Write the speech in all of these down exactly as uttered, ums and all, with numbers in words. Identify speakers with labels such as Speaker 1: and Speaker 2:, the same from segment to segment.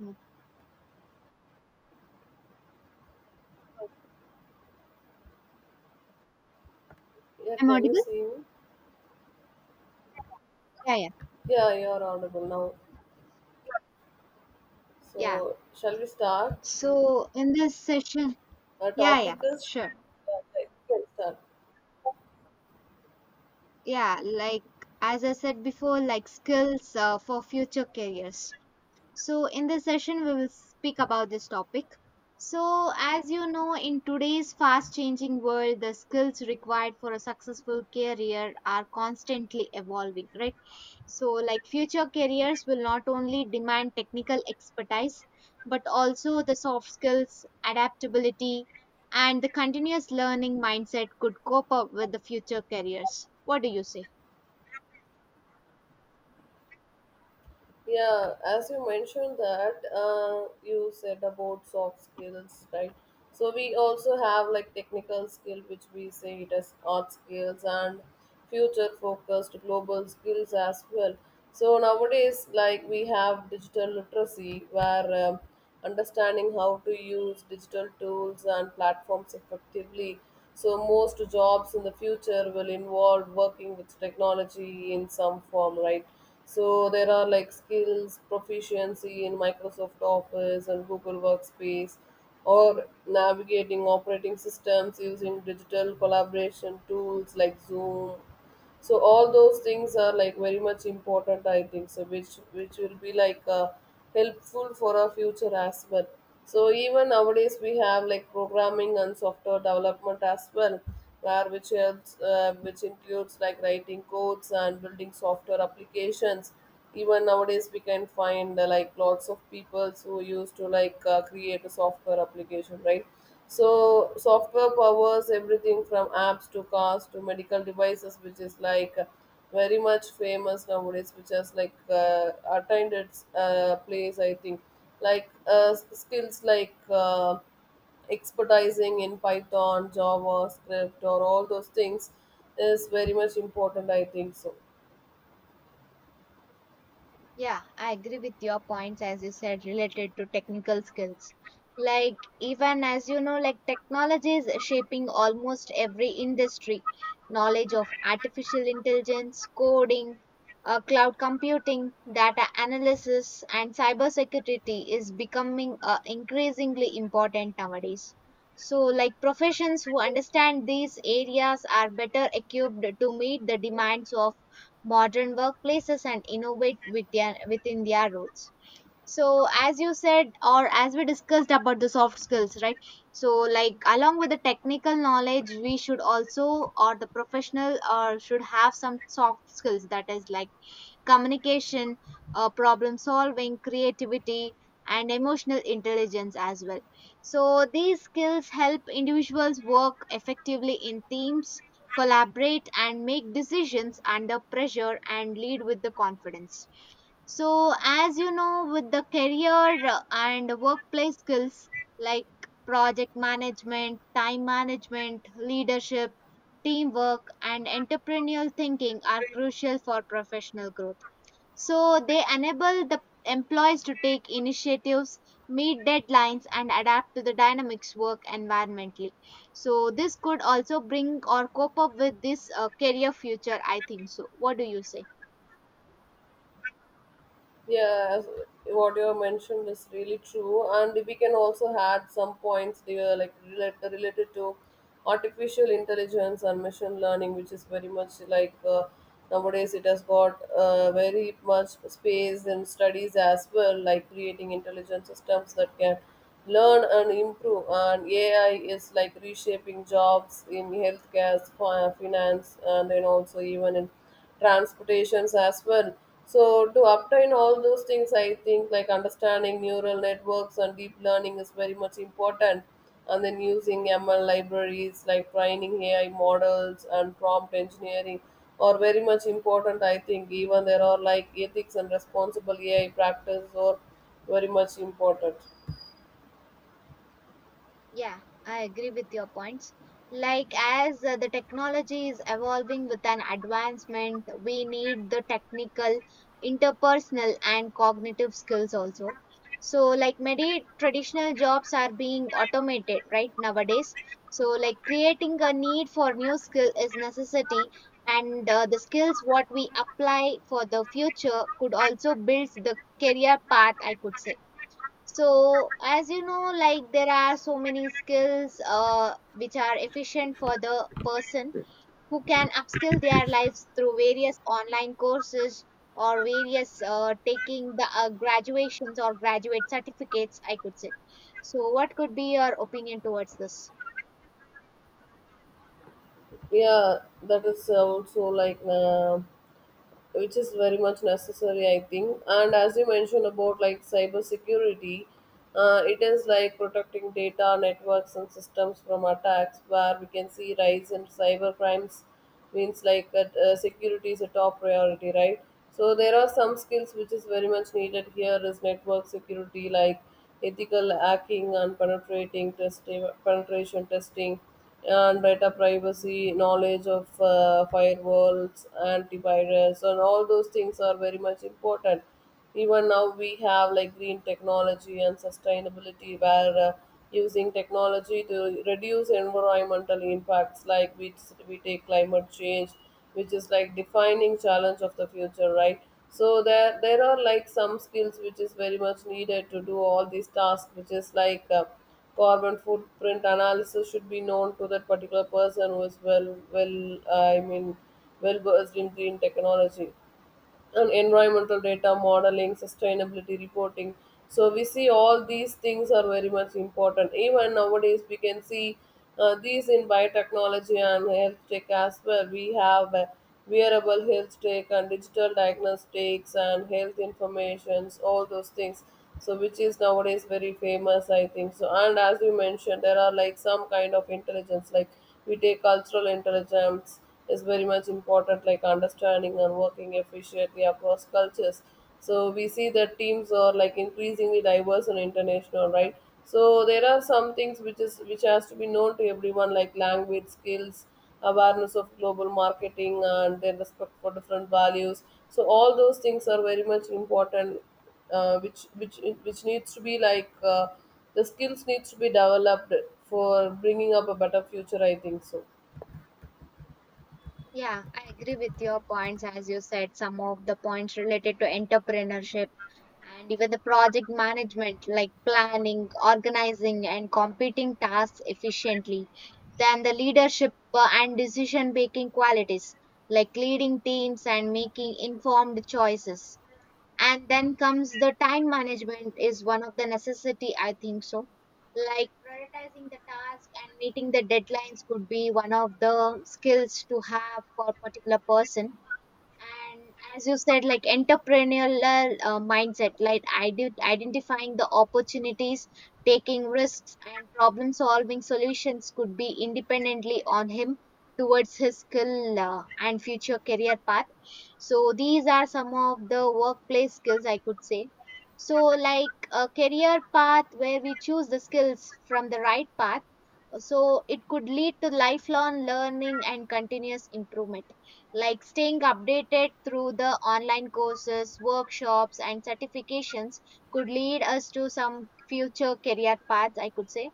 Speaker 1: Mm.
Speaker 2: Yeah,
Speaker 1: I'm
Speaker 2: can you
Speaker 1: audible?
Speaker 2: see me?
Speaker 1: Yeah, yeah,
Speaker 2: Yeah, you are audible now.
Speaker 1: yeah.
Speaker 2: So, shall we start?
Speaker 1: So in this session,
Speaker 2: Our
Speaker 1: yeah,
Speaker 2: topic
Speaker 1: yeah,
Speaker 2: is.
Speaker 1: sure.
Speaker 2: Yeah, right, we can start.
Speaker 1: Yeah, like as I said before, like skills uh, for future careers. So in this session, we will speak about this topic. So, as you know, in today's fast changing world, the skills required for a successful career are constantly evolving, right? So, like future careers will not only demand technical expertise, but also the soft skills, adaptability, and the continuous learning mindset could cope up with the future careers. What do you say?
Speaker 2: Yeah, as you mentioned that uh, you said about soft skills, right? So we also have like technical skill, which we say it as art skills and future focused global skills as well. So nowadays, like we have digital literacy, where um, understanding how to use digital tools and platforms effectively. So most jobs in the future will involve working with technology in some form, right? So there are like skills, proficiency in Microsoft Office and Google Workspace, or navigating operating systems using digital collaboration tools like Zoom, so all those things are like very much important. I think so, which which will be like uh, helpful for our future as well. So even nowadays we have like programming and software development as well, where which helps uh, which includes like writing codes and building software applications. Even nowadays we can find uh, like lots of people who used to like uh, create a software application, right? So software powers everything from apps to cars to medical devices, which is like uh, very much famous nowadays, which has like uh, attained its uh, place. I think like uh, s- skills like uh, expertising in Python, JavaScript, or all those things is very much important. I think so.
Speaker 1: Yeah, I agree with your points as you said related to technical skills. Like even as you know, like technology is shaping almost every industry. Knowledge of artificial intelligence, coding, uh, cloud computing, data analysis, and cybersecurity is becoming uh, increasingly important nowadays. So, like professions who understand these areas are better equipped to meet the demands of modern workplaces and innovate with their, within their roles. So as you said, or as we discussed about the soft skills, right, so like along with the technical knowledge we should also, or the professional or should have some soft skills, that is like communication, uh, problem solving, creativity, and emotional intelligence as well. So, these skills help individuals work effectively in teams, collaborate, and make decisions under pressure and lead with the confidence. So, as you know, with the career uh, and workplace skills like project management, time management, leadership, teamwork, and entrepreneurial thinking are crucial for professional growth. So they enable the employees to take initiatives, meet deadlines, and adapt to the dynamics work environmentally. So this could also bring or cope up with this uh, career future. I think so. What do you say?
Speaker 2: Yeah, as what you have mentioned is really true, and we can also add some points there, like relate, related to artificial intelligence and machine learning, which is very much like uh, nowadays it has got uh, very much space in studies as well, like creating intelligent systems that can learn and improve. And A I is like reshaping jobs in healthcare, fi- finance, and then also even in transportations as well. So to obtain all those things, I think like understanding neural networks and deep learning is very much important. And then using M L libraries like training A I models and prompt engineering are very much important. I think even there are like ethics and responsible A I practice are very much important.
Speaker 1: Yeah, I agree with your points. Like, as uh, the technology is evolving with an advancement, we need the technical, interpersonal, and cognitive skills also. So, like, many traditional jobs are being automated right nowadays. So, like, creating a need for new skill is necessity, and uh, the skills what we apply for the future could also build the career path, I could say. So as you know, like there are so many skills uh, which are efficient for the person who can upskill their lives through various online courses or various uh, taking the uh, graduations or graduate certificates, I could say. So what could be your opinion towards this?
Speaker 2: Yeah, that is also like. Uh, which is very much necessary, I think. And as you mentioned about like cyber security, uh, it is like protecting data networks and systems from attacks, where we can see rise in cyber crimes, means like that uh, security is a top priority, right? So there are some skills which is very much needed here, is network security, like ethical hacking and penetrating testing penetration testing, and data privacy, knowledge of uh, firewalls, antivirus, and all those things are very much important. Even now, we have like green technology and sustainability, where uh, using technology to reduce environmental impacts, like we, we take climate change, which is like defining challenge of the future, right? So there there are like some skills which is very much needed to do all these tasks, which is like uh, carbon footprint analysis should be known to that particular person who is well, well, uh, I mean, well versed in green technology and environmental data modeling, sustainability reporting. So we see all these things are very much important. Even nowadays, we can see uh, these in biotechnology and health tech as well. We have uh, wearable health tech and digital diagnostics and health informations, all those things. So which is nowadays very famous, I think. So and as you mentioned, there are like some kind of intelligence, like we take cultural intelligence is very much important, like understanding and working efficiently across cultures. So we see that teams are like increasingly diverse and international, right? So there are some things which is which has to be known to everyone, like language skills, awareness of global marketing, and their respect for different values. So all those things are very much important, uh, which which which needs to be like uh, the skills needs to be developed for bringing up a better future. I think so.
Speaker 1: Yeah, I agree with your points. As you said, some of the points related to entrepreneurship and even the project management, like planning, organizing, and competing tasks efficiently. Then the leadership uh, and decision making qualities, like leading teams and making informed choices, and then comes the time management is one of the necessity, I think so. Like prioritizing the task and meeting the deadlines could be one of the skills to have for particular person. And as you said, like entrepreneurial uh, mindset, like ide- identifying the opportunities, taking risks and problem solving solutions could be independently on him towards his skill uh, and future career path. So these are some of the workplace skills, I could say. So like a career path where we choose the skills from the right path, so it could lead to lifelong learning and continuous improvement, like staying updated through the online courses, workshops, and certifications could lead us to some future career paths, I could say.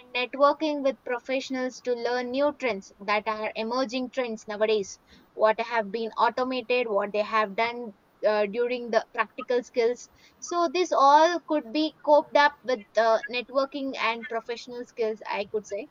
Speaker 1: And networking with professionals to learn new trends that are emerging trends nowadays, what have been automated, what they have done uh, during the practical skills. So, this all could be coped up with uh, networking and professional skills, I could say.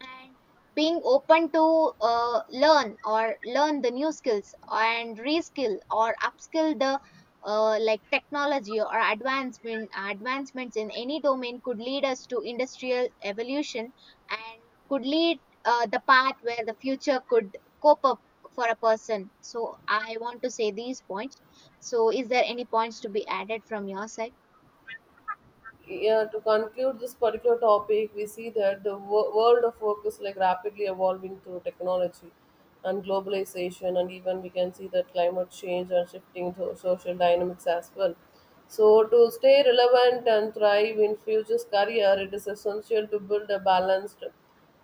Speaker 1: And being open to uh, learn or learn the new skills and reskill or upskill the uh, like technology or advancement advancements in any domain could lead us to industrial evolution and could lead uh, the path where the future could cope up for a person. So I want to say these points. So is there any points to be added from your side?
Speaker 2: Yeah, to conclude this particular topic, we see that the wo- world of work is like rapidly evolving through technology and globalization, and even we can see that climate change and shifting to social dynamics as well. So, to stay relevant and thrive in future's career, it is essential to build a balanced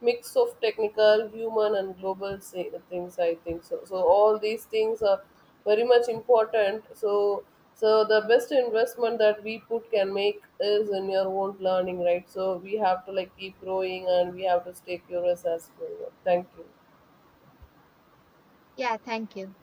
Speaker 2: mix of technical, human, and global say, things. I think so. So all these things are very much important. So so the best investment that we put can make is in your own learning, right? So we have to like keep growing and we have to stay curious as well. Thank you.
Speaker 1: Yeah, thank you.